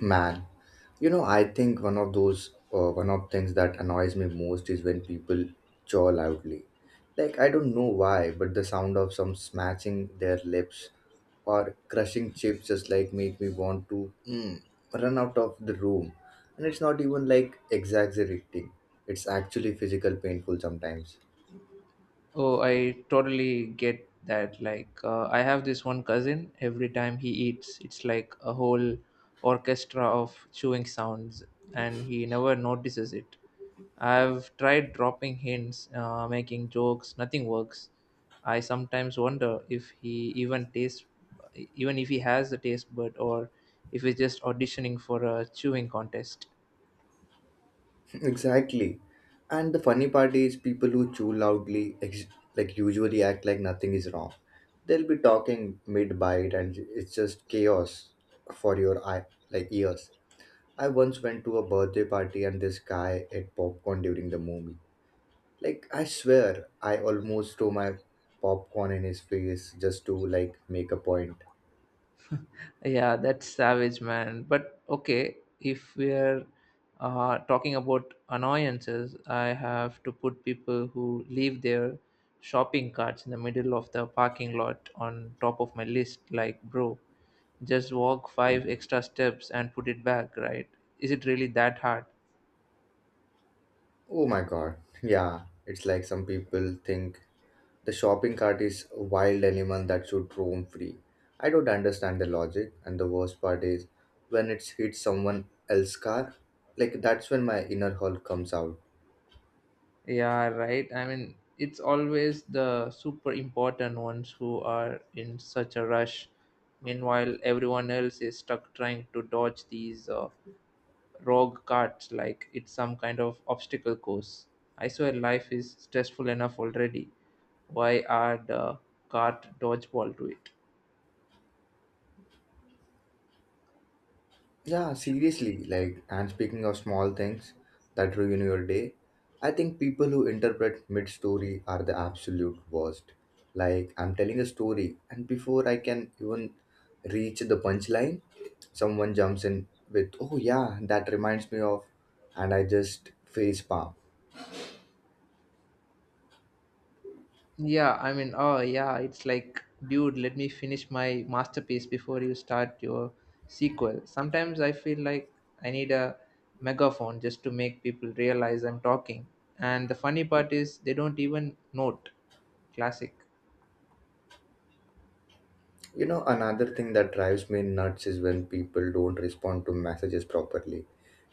Man, I think one of those one of things that annoys me most is when people jaw loudly. Like, I don't know why, but the sound of some smashing their lips or crushing chips just like make me want to run out of the room. And it's not even like exaggerating; it's actually physical painful sometimes. Oh, I totally get that. Like, I have this one cousin, every time he eats, it's like a whole orchestra of chewing sounds, and he never notices it. I've tried dropping hints, making jokes, nothing works. I sometimes wonder if he even tastes, even if he has the taste bud, or if he's just auditioning for a chewing contest. Exactly. And the funny part is, people who chew loudly, like usually act like nothing is wrong. They'll be talking mid bite, and it's just chaos for your eye, like ears. I once went to a birthday party, and this guy ate popcorn during the movie. Like, I swear, I almost threw my popcorn in his face just to like make a point. Yeah, that's savage, man. But okay, if we're talking about annoyances, I have to put people who leave their shopping carts in the middle of the parking lot on top of my list. Like, bro, just walk five extra steps and put it back, right? Is it really that hard? Oh my god! Yeah, it's like some people think the shopping cart is a wild animal that should roam free. I don't understand the logic, and the worst part is when it's hit someone else's car, like that's when my inner hell comes out. Yeah, right. I mean, it's always the super important ones who are in such a rush. Meanwhile, everyone else is stuck trying to dodge these rogue carts like it's some kind of obstacle course. I swear life is stressful enough already. Why add cart dodgeball to it? Yeah, seriously. Like, and speaking of small things that ruin your day, I think people who interpret mid story are the absolute worst. Like, I'm telling a story, and before I can even reach the punchline, someone jumps in with, oh, yeah, that reminds me of, and I just face palm. Yeah, I mean, oh yeah, it's like, dude, let me finish my masterpiece before you start your sequel. Sometimes I feel like I need a megaphone just to make people realize I'm talking. And the funny part is, they don't even note. Classic. You know, another thing that drives me nuts is when people don't respond to messages properly.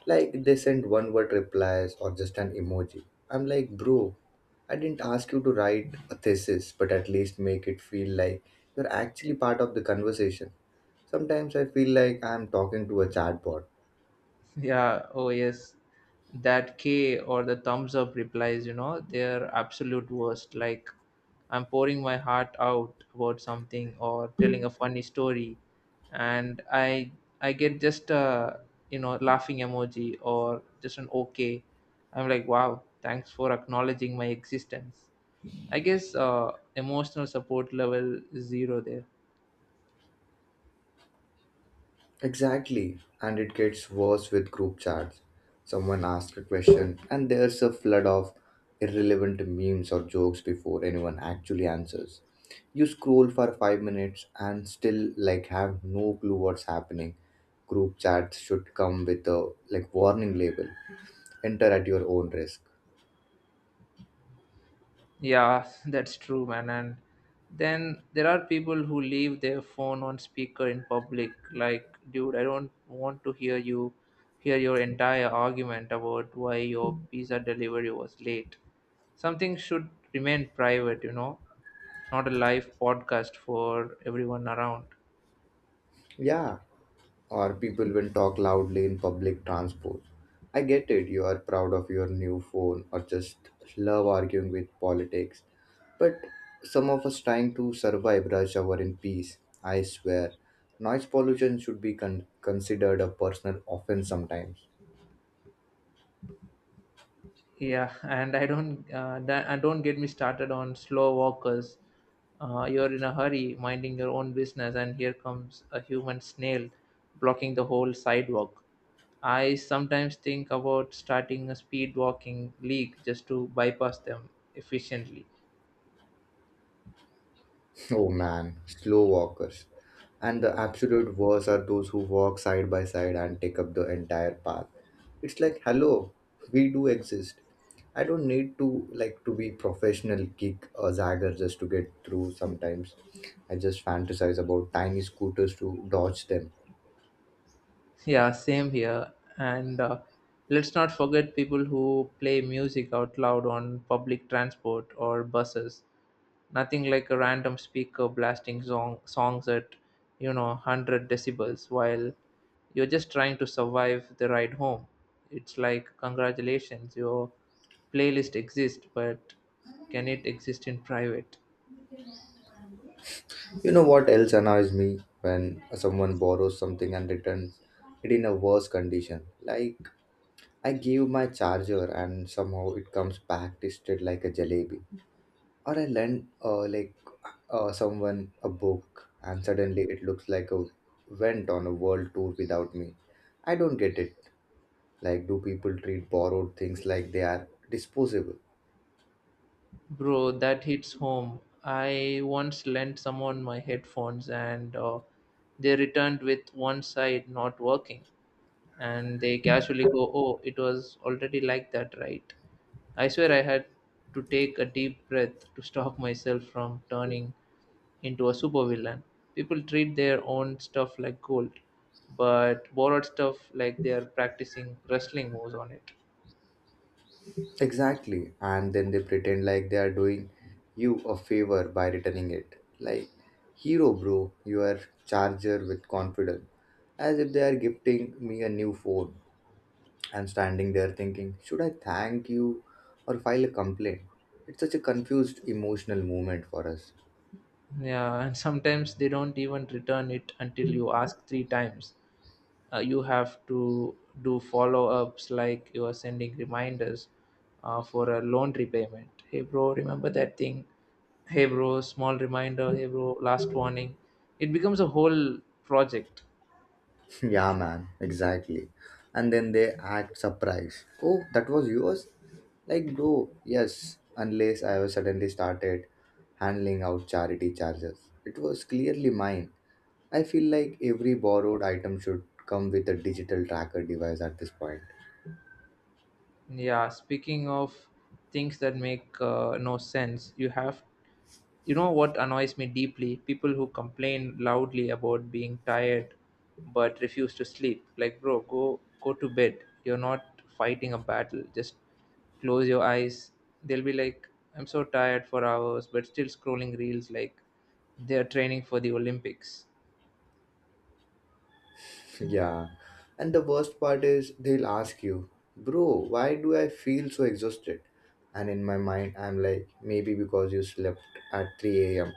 Like, they send one word replies or just an emoji. I'm like, bro, I didn't ask you to write a thesis, but at least make it feel like you're actually part of the conversation. Sometimes I feel like I'm talking to a chatbot. Yeah, oh yes. That K or the thumbs up replies, you know, they're absolute worst. Like I'm pouring my heart out about something or telling a funny story and I get just a laughing emoji or just an okay. I'm like, wow, thanks for acknowledging my existence. I guess emotional support level zero there. Exactly, and it gets worse with group chats. Someone asks a question, and there's a flood of irrelevant memes or jokes before anyone actually answers. You scroll for 5 minutes and still like have no clue what's happening. Group chats should come with a like warning label. Enter at your own risk. Yeah, that's true, man. And then there are people who leave their phone on speaker in public. Like, dude, I don't want to hear your entire argument about why your pizza delivery was late. Something should remain private, not a live podcast for everyone around. Yeah, or people will talk loudly in public transport. I get it, you are proud of your new phone or just love arguing with politics. But some of us trying to survive rush hour in peace, I swear. Noise pollution should be considered a personal offense sometimes. Yeah, and I don't that, and don't get me started on slow walkers. You're in a hurry, minding your own business, and here comes a human snail blocking the whole sidewalk. I sometimes think about starting a speed walking league just to bypass them efficiently. Oh man, slow walkers. And the absolute worst are those who walk side by side and take up the entire path. It's like, hello, we do exist. I don't need to like to be professional kick or zagger just to get through sometimes. I just fantasize about tiny scooters to dodge them. Yeah, same here. And let's not forget people who play music out loud on public transport or buses. Nothing like a random speaker blasting songs at, 100 decibels while you're just trying to survive the ride home. It's like, congratulations, your playlist exists, but can it exist in private? You know what else annoys me when someone borrows something and returns it in a worse condition. Like, I gave my charger and somehow it comes back twisted like a jalebi. Or I lend like someone a book and suddenly it looks like a went on a world tour without me. I don't get it. Like, do people treat borrowed things like they are disposable? Bro, that hits home. I once lent someone my headphones and they returned with one side not working. And they casually go, "Oh, it was already like that," right? I swear I had to take a deep breath to stop myself from turning into a supervillain. People treat their own stuff like gold, but borrowed stuff like they are practicing wrestling moves on it. Exactly, and then they pretend like they are doing you a favor by returning it. Like, hero, bro, you are charger with confidence, as if they are gifting me a new phone. I'm standing there thinking, should I thank you or file a complaint? It's such a confused emotional moment for us. Yeah, and sometimes they don't even return it until you ask three times. You have to do follow ups like you are sending reminders for a loan repayment. Hey, bro, remember that thing? Hey, bro, small reminder. Hey, bro, last warning. It becomes a whole project. Yeah, man, exactly. And then they act surprised. Oh, that was yours? Like, bro, yes, unless I was suddenly started handling out charity charges. It was clearly mine. I feel like every borrowed item should come with a digital tracker device at this point. Yeah, speaking of things that make no sense, you know what annoys me deeply? People who complain loudly about being tired but refuse to sleep. Like, bro, go to bed. You're not fighting a battle. Just close your eyes. They'll be like, I'm so tired for hours, but still scrolling reels like they're training for the Olympics. Yeah. And the worst part is they'll ask you, bro, why do I feel so exhausted? And in my mind, I'm like, maybe because you slept at 3 a.m.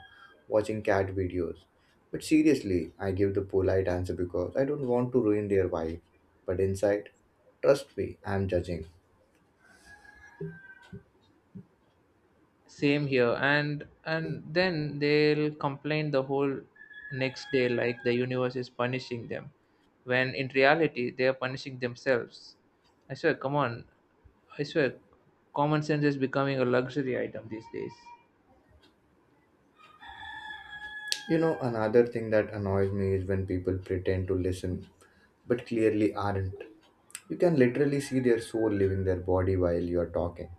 watching cat videos. But seriously, I give the polite answer because I don't want to ruin their vibe. But inside, trust me, I'm judging. Same here, and then they'll complain the whole next day like the universe is punishing them when in reality they are punishing themselves. I swear, come on, I swear, common sense is becoming a luxury item these days. You know, another thing that annoys me is when people pretend to listen but clearly aren't. You can literally see their soul leaving their body while you're talking.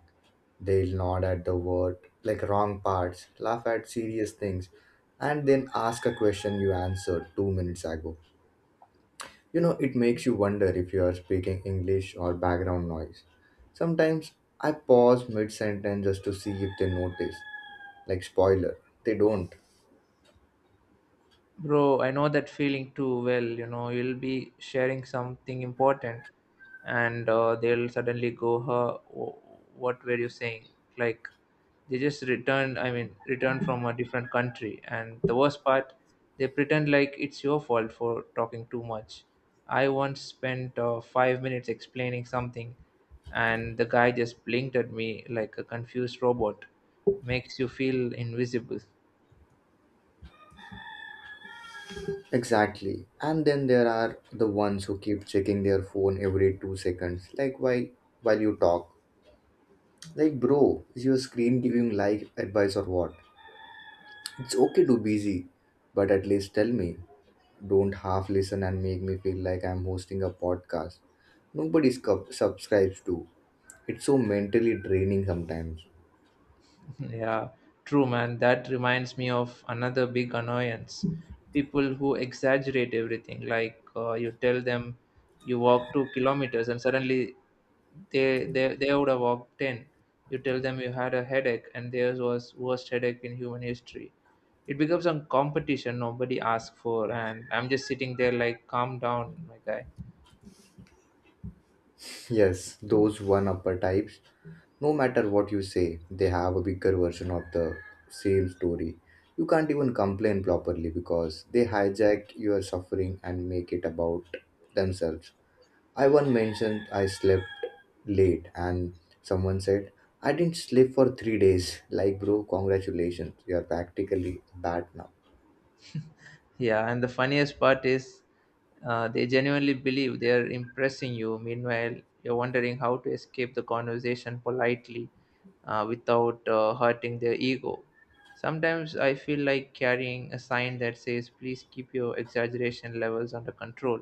They'll nod at the word, like wrong parts, laugh at serious things, and then ask a question you answered 2 minutes ago. You know, it makes you wonder if you are speaking English or background noise. Sometimes I pause mid sentence just to see if they notice. Like, spoiler, they don't. Bro, I know that feeling too well. You know, you'll be sharing something important, and they'll suddenly go, "Huh, what were you saying?" Like they just returned. I mean, returned from a different country, and the worst part, they pretend like it's your fault for talking too much. I once spent 5 minutes explaining something, and the guy just blinked at me like a confused robot. Makes you feel invisible. Exactly. And then there are the ones who keep checking their phone every 2 seconds, like while you talk. Like, bro, is your screen giving life advice or what? It's okay to busy, but at least tell me. Don't half listen and make me feel like I'm hosting a podcast. Nobody subscribes to. It's so mentally draining sometimes. Yeah, true, man. That reminds me of another big annoyance. People who exaggerate everything, like you tell them you walk 2 kilometers, and suddenly they would have walked ten. You tell them you had a headache, and theirs was worst headache in human history. It becomes a competition nobody asked for, and I'm just sitting there like, calm down, my guy. Yes, those one upper types, no matter what you say, they have a bigger version of the same story. You can't even complain properly because they hijack your suffering and make it about themselves. I one mentioned I slept late and someone said, I didn't sleep for 3 days. Like, bro, congratulations. You're practically a bat now. Yeah, and the funniest part is they genuinely believe they are impressing you. Meanwhile, you're wondering how to escape the conversation politely without hurting their ego. Sometimes I feel like carrying a sign that says, please keep your exaggeration levels under control.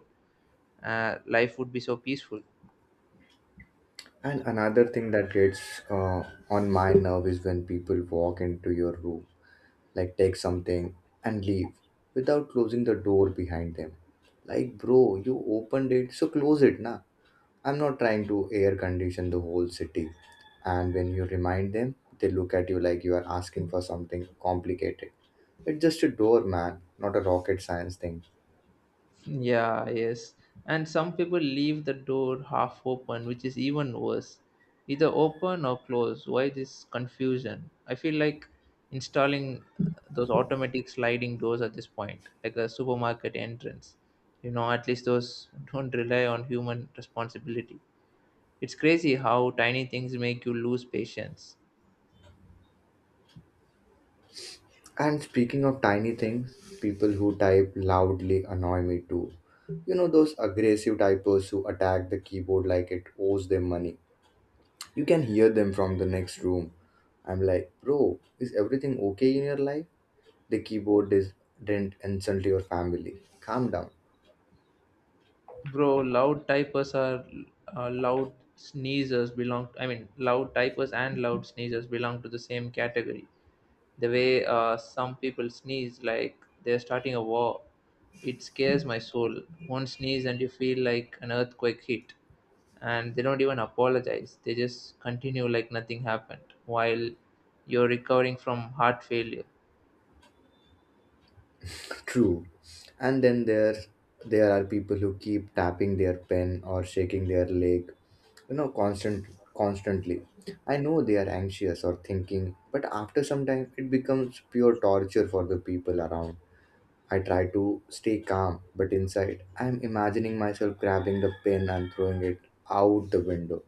Life would be so peaceful. And another thing that gets uh, on my nerve is when people walk into your room, like take something and leave without closing the door behind them. Like, bro, you opened it, so close it, na. I'm not trying to air condition the whole city. And when you remind them, they look at you like you are asking for something complicated. It's just a door, man, not a rocket science thing. Yeah, yes. And some people leave the door half open, which is even worse. Either open or close. Why this confusion? I feel like installing those automatic sliding doors at this point, like a supermarket entrance. You know, at least those don't rely on human responsibility. It's crazy how tiny things make you lose patience. And speaking of tiny things, people who type loudly annoy me too. You know those aggressive typers who attack the keyboard like it owes them money. You can hear them from the next room. I'm like, bro, is everything okay in your life? The keyboard is didn't insult your family. Calm down. Bro, loud typers are loud sneezers belong, I mean, loud typers and loud sneezers belong to the same category. The way some people sneeze like they're starting a war, it scares my soul. One sneeze and you feel like an earthquake hit. And they don't even apologize, they just continue like nothing happened while you're recovering from heart failure. True. And then there are people who keep tapping their pen or shaking their leg, you know, constantly. I know they are anxious or thinking, but after some time it becomes pure torture for the people around. I try to stay calm, but inside I am imagining myself grabbing the pen and throwing it out the window.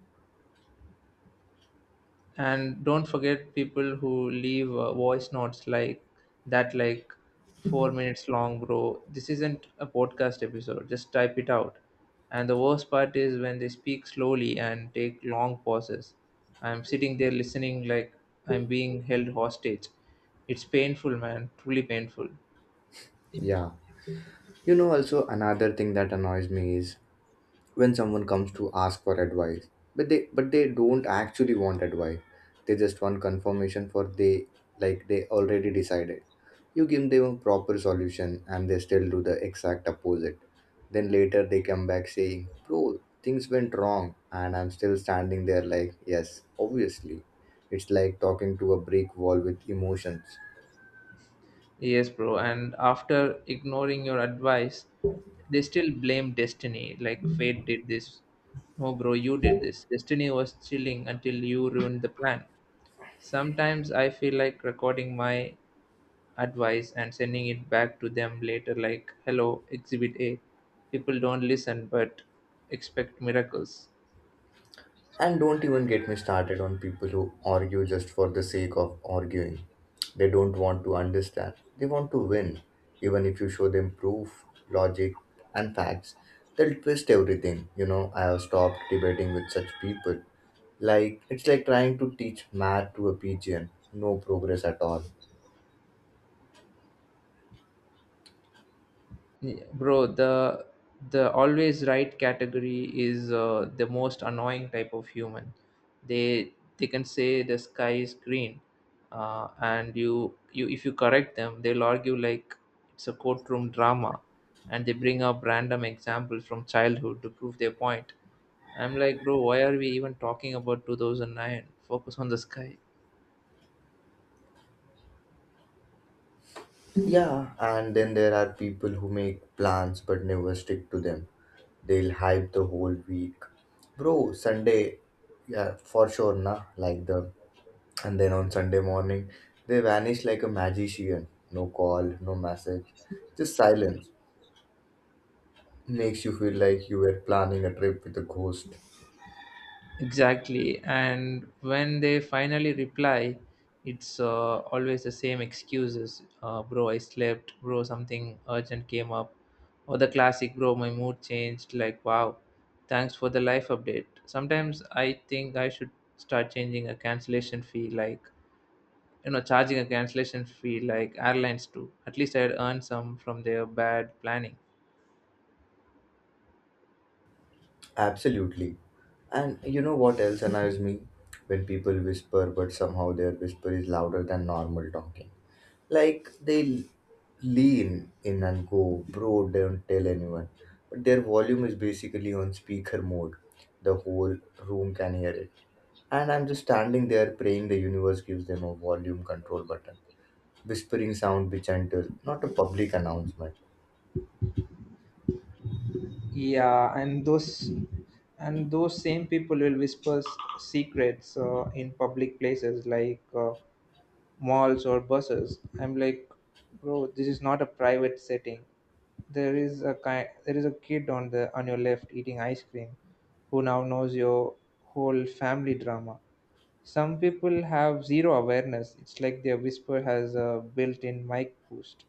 And don't forget people who leave voice notes like that like 4 minutes long. Bro, this isn't a podcast episode, just type it out. And the worst part is when they speak slowly and take long pauses. I'm sitting there listening like I'm being held hostage. It's painful, man, truly painful. Yeah. You know also another thing that annoys me is when someone comes to ask for advice, but they don't actually want advice. They just want confirmation for they, like they already decided. You give them a proper solution and they still do the exact opposite. Then later they come back saying, bro, things went wrong, and I'm still standing there like, yes, obviously. It's like talking to a brick wall with emotions. Yes, bro. And after ignoring your advice, they still blame destiny. Like fate did this. No, bro, you did this. Destiny was chilling until you ruined the plan. Sometimes I feel like recording my advice and sending it back to them later, like, hello, exhibit A. People don't listen but expect miracles. And don't even get me started on people who argue just for the sake of arguing. They don't want to understand, they want to win. Even if you show them proof, logic, and facts, they'll twist everything. You know, I have stopped debating with such people. Like, it's like trying to teach math to a pigeon. No progress at all. Yeah, bro, the always right category is the most annoying type of human. They can say the sky is green, and you if you correct them they'll argue like it's a courtroom drama, and they bring up random examples from childhood to prove their point. I'm like, bro, why are we even talking about 2009? Focus on the sky. Yeah, and then there are people who make plans but never stick to them. They'll hype the whole week. Bro, Sunday, yeah, for sure, nah, like the. And then on Sunday morning, they vanish like a magician. No call, no message. Just silence. Makes you feel like you were planning a trip with a ghost. Exactly. And when they finally reply, it's always the same excuses. Bro, I slept. Bro, something urgent came up. Or the classic, bro, my mood changed. Like, wow, thanks for the life update. Sometimes I think I should start changing a cancellation fee, like, you know, charging a cancellation fee like airlines do. At least I'd earn some from their bad planning. Absolutely. And you know what else annoys me? When people whisper, but somehow their whisper is louder than normal talking. Like, they lean in and go, bro, don't tell anyone, but their volume is basically on speaker mode. The whole room can hear it, and I'm just standing there praying the universe gives them a volume control button. Whispering sound be gentle, not a public announcement. Yeah, and those same people will whisper secrets in public places like malls or buses. I'm like, bro, this is not a private setting. There is a kid on your left eating ice cream, who now knows your whole family drama. Some people have zero awareness. It's like their whisper has a built-in mic boost.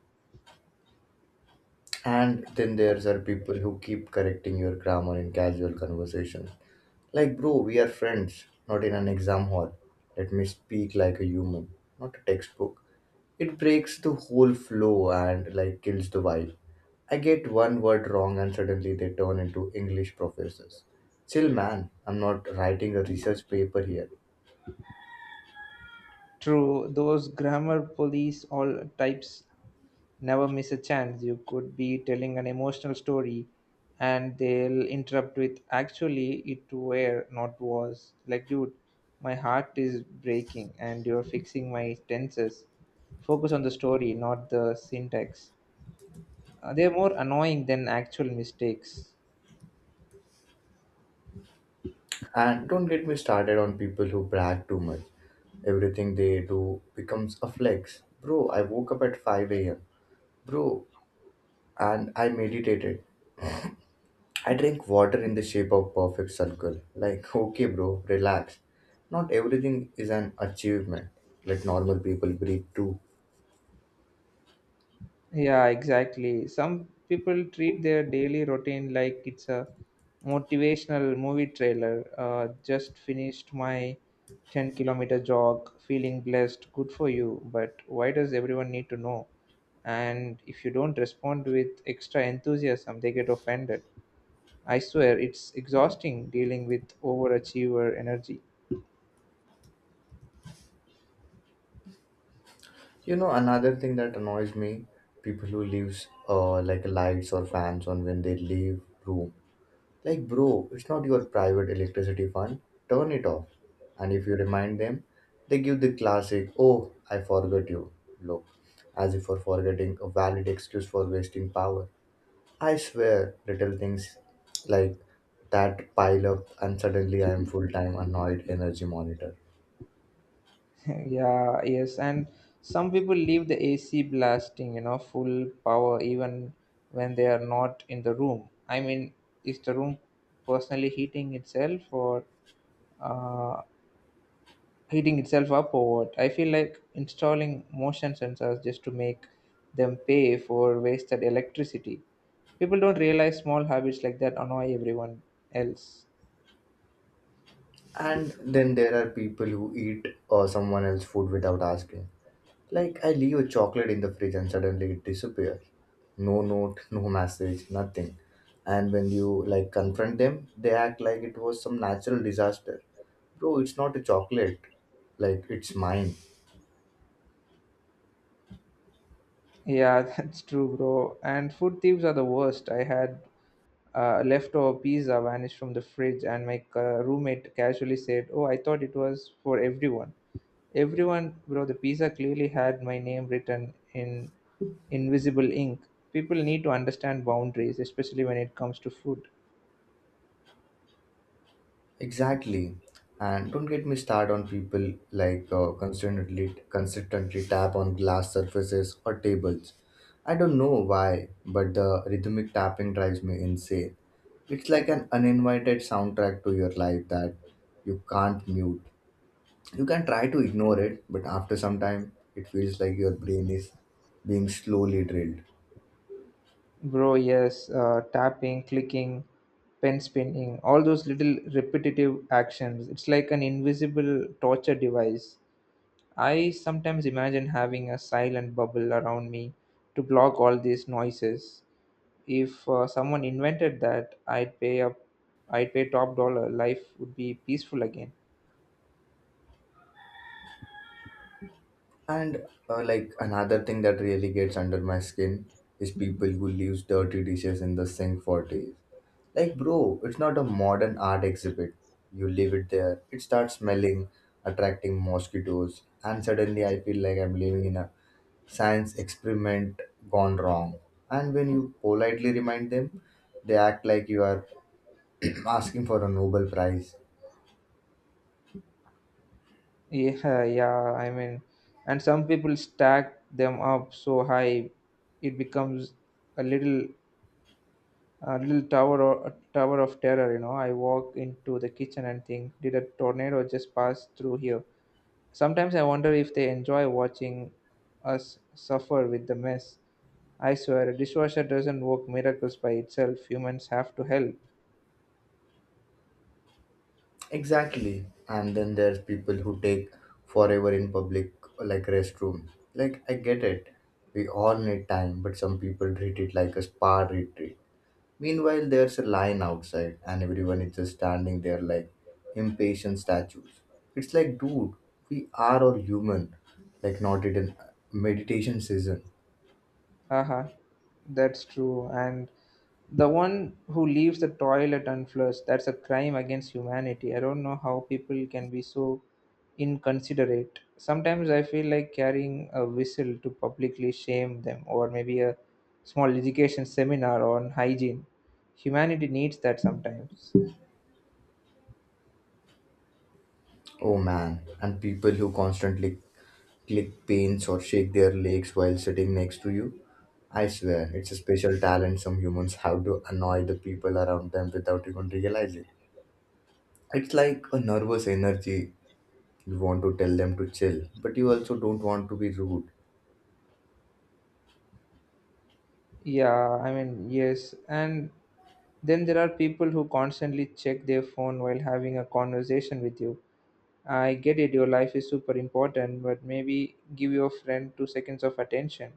And then there's are people who keep correcting your grammar in casual conversations. Like, bro, we are friends, not in an exam hall. Let me speak like a human, not a textbook. It breaks the whole flow and like kills the vibe. I get one word wrong and suddenly they turn into English professors. Chill, man. I'm not writing a research paper here. True, those grammar police all types never miss a chance. You could be telling an emotional story and they'll interrupt with, actually, it were not was. Like, dude, my heart is breaking and you're fixing my tenses. Focus on the story, not the syntax. They're more annoying than actual mistakes. And don't get me started on people who brag too much. Everything they do becomes a flex. Bro, I woke up at 5 a.m. Bro, and I meditated. I drank water in the shape of perfect circle. Like, okay, bro, relax. Not everything is an achievement. Let normal people breathe too. Yeah, exactly. Some people treat their daily routine like it's a motivational movie trailer. Just finished my 10-kilometer jog, feeling blessed, good for you. But why does everyone need to know? And if you don't respond with extra enthusiasm, they get offended. I swear, it's exhausting dealing with overachiever energy. You know, another thing that annoys me, people who leaves like lights or fans on when they leave room. Like, bro, it's not your private electricity fund. Turn it off. And if you remind them, they give the classic, "Oh, I forgot you." Look, as if for forgetting a valid excuse for wasting power. I swear, little things like that pile up, and suddenly I am full-time annoyed energy monitor. Yeah, yes, and some people leave the AC blasting, you know, full power even when they are not in the room. I mean, is the room personally heating itself or uh, heating itself up or what? I feel like installing motion sensors just to make them pay for wasted electricity. People don't realize small habits like that annoy everyone else. And then there are people who eat or someone else's food without asking. Like, I leave a chocolate in the fridge and suddenly it disappears. No note, no message, nothing. And when you confront them, they act like it was some natural disaster. Bro, it's not a chocolate. Like it's mine. Yeah, that's true, bro. And food thieves are the worst. I had Leftover pizza vanished from the fridge, and my roommate casually said, "Oh, I thought it was for everyone." Everyone, bro, the pizza clearly had my name written in invisible ink. People need to understand boundaries, especially when it comes to food. Exactly. And don't get me started on people like consistently tap on glass surfaces or tables. I don't know why, but the rhythmic tapping drives me insane. It's like an uninvited soundtrack to your life that you can't mute. You can try to ignore it, but after some time, it feels like your brain is being slowly drilled. Bro, yes, tapping, clicking, pen spinning, all those little repetitive actions. It's like an invisible torture device. I sometimes imagine having a silent bubble around me to block all these noises. If someone invented that, I'd pay up. I'd pay top dollar. Life would be peaceful again. And Like another thing that really gets under my skin is people who leaves dirty dishes in the sink for days. Like bro, it's not a modern art exhibit. You leave it there, it starts smelling, attracting mosquitoes, and suddenly I feel like I'm living in a science experiment gone wrong. And when you politely remind them, they act like you are asking for a Nobel Prize. Yeah, yeah. And some people stack them up so high, it becomes a little, a little tower or a tower of terror. I walk into the kitchen and think, did a tornado just pass through here? Sometimes I wonder if they enjoy watching us suffer with the mess. I swear, a dishwasher doesn't work miracles by itself. Humans have to help. Exactly. And then there's people who take forever in public, like restroom. Like, I get it. We all need time, but some people treat it like a spa retreat. Meanwhile, there's a line outside, and everyone is just standing there like impatient statues. It's like, dude, we are all human, like, not in meditation season. Haha, that's true. And the one who leaves the toilet unflushed, that's a crime against humanity. I don't know how people can be so inconsiderate. Sometimes I feel like carrying a whistle to publicly shame them, or maybe a small education seminar on hygiene. Humanity needs that sometimes. Oh man. And people who constantly click pins or shake their legs while sitting next to you. I swear, it's a special talent some humans have to annoy the people around them without even realizing. It's like a nervous energy. You want to tell them to chill, but you also don't want to be rude. And then there are people who constantly check their phone while having a conversation with you. I get it, your life is super important, but maybe give your friend two seconds of attention.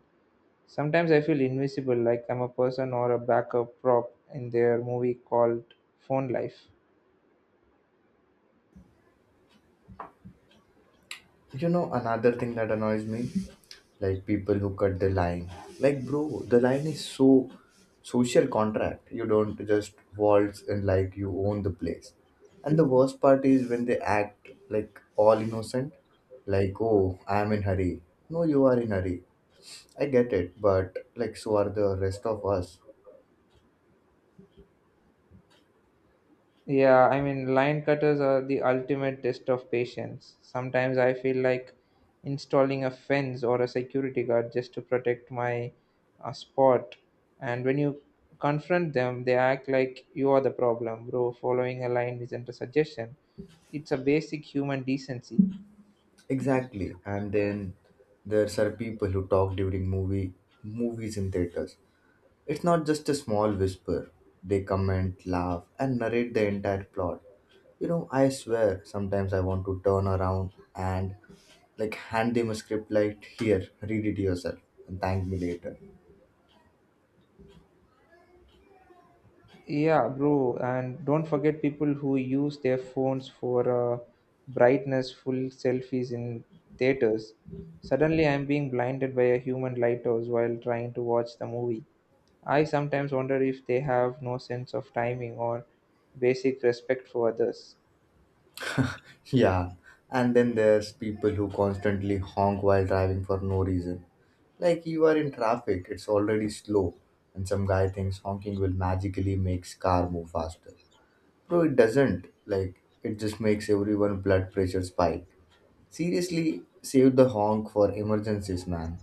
Sometimes I feel invisible, like I'm a person or a backup prop in their movie called Phone Life. You know, another thing that annoys me, like people who cut the line. Like, bro, the line is so social contract. You don't just waltz and like you own the place. And the worst part is when they act like all innocent, like, oh, I am in hurry. No, you are in hurry. I get it, but like, so are the rest of us. Line cutters are the ultimate test of patience. Sometimes I feel like installing a fence or a security guard just to protect my spot. And when you confront them, they act like you are the problem, bro. Following a line isn't a suggestion, it's a basic human decency. Exactly. And then there's are people who talk during movies in theaters. It's not just a small whisper. They comment, laugh, and narrate the entire plot. You know, I swear, sometimes I want to turn around and like hand them a script like, here, read it yourself and thank me later. Yeah, bro, and don't forget people who use their phones for brightness full selfies in theaters. Suddenly, I'm being blinded by a human lighthouse while trying to watch the movie. I sometimes wonder if they have no sense of timing or basic respect for others. Yeah, and then there's people who constantly honk while driving for no reason. Like you are in traffic, it's already slow, and some guy thinks honking will magically makes car move faster. Bro, it doesn't. Like it just makes everyone blood pressure spike. Seriously, save the honk for emergencies, man.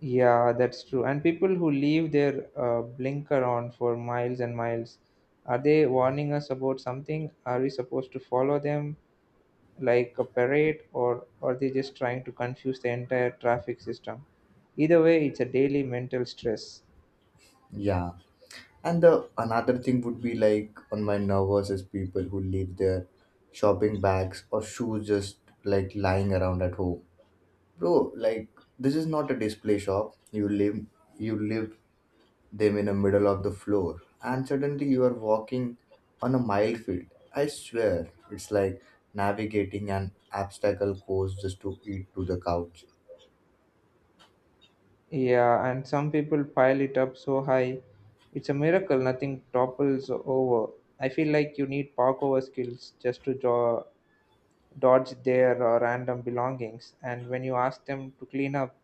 Yeah, that's true. And people who leave their blinker on for miles and miles, are they warning us about something? Are we supposed to follow them like a parade, or are they just trying to confuse the entire traffic system? Either way, it's a daily mental stress. Yeah. And the another thing would be like on my nervous is people who leave their shopping bags or shoes just like lying around at home. Bro, like this is not a display shop. You live them in the middle of the floor and suddenly you are walking on a minefield. I swear it's like navigating an obstacle course just to eat to the couch. Yeah, and some people pile it up so high, it's a miracle nothing topples over. I feel like you need parkour skills just to dodge their random belongings. And when you ask them to clean up,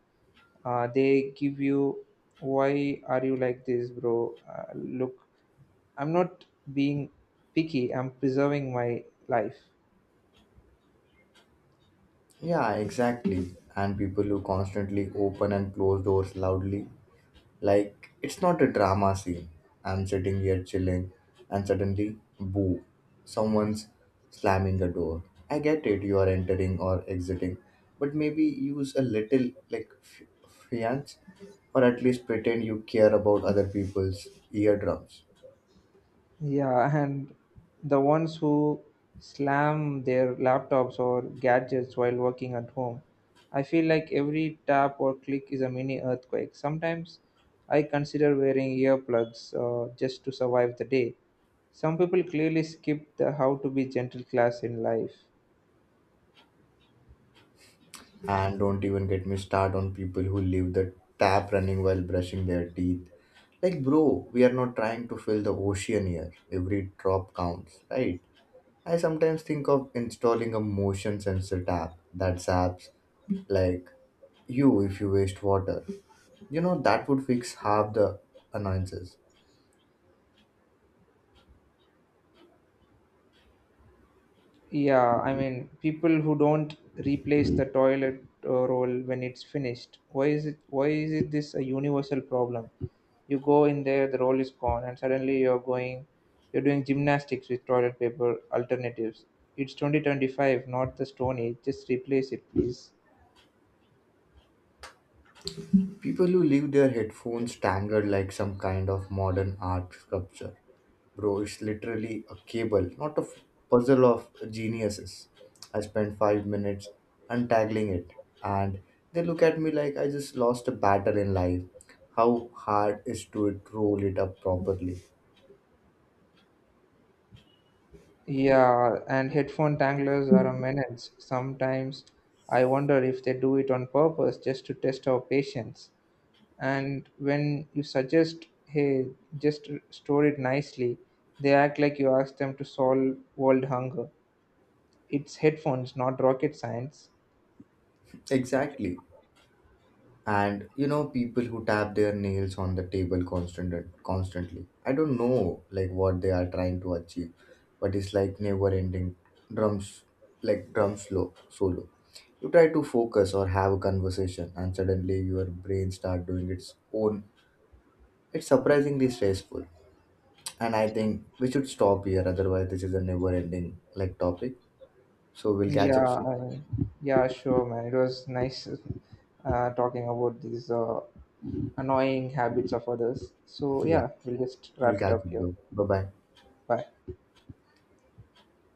they give you, why are you like this, bro? Look, I'm not being picky, I'm preserving my life. Yeah, exactly. And people who constantly open and close doors loudly, like it's not a drama scene. I'm sitting here chilling, and suddenly, boo, someone's slamming a door. I get it, you are entering or exiting, but maybe use a little like fiance, or at least pretend you care about other people's eardrums. Yeah, and the ones who slam their laptops or gadgets while working at home. I feel like every tap or click is a mini earthquake. Sometimes I consider wearing earplugs just to survive the day. Some people clearly skip the how to be gentle class in life. And don't even get me started on people who leave the tap running while brushing their teeth. Like, bro, we are not trying to fill the ocean here. Every drop counts, right? I sometimes think of installing a motion sensor tap that saps, like you if you waste water. You know, that would fix half the annoyances. People who don't replace the toilet roll when it's finished. Why is it this a universal problem? You go in there, the roll is gone, and suddenly you're doing gymnastics with toilet paper alternatives. It's 2025, not the stone age. Just replace it, please. People who leave their headphones tangled like some kind of modern art sculpture. Bro, it's literally a cable, not a puzzle of geniuses. I spent 5 minutes untangling it, and they look at me like I just lost a battle in life. How hard is to it roll it up properly? Yeah, and headphone tanglers are a menace. Sometimes I wonder if they do it on purpose just to test our patience. And when you suggest, hey, just store it nicely, they act like you ask them to solve world hunger. It's headphones, not rocket science. Exactly. And you know people who tap their nails on the table constantly. I don't know like what they are trying to achieve, but it's like never ending drums, like drum slow solo. You try to focus or have a conversation and suddenly your brain start doing its own. It's surprisingly stressful. And I think we should stop here, otherwise this is a never ending like topic. So we'll catch up Yeah, soon. I, yeah, sure, man. It was nice talking about these annoying habits of others. So, Yeah, yeah, we'll just we'll wrap it catch up here. up, bro. Bye bye. Bye.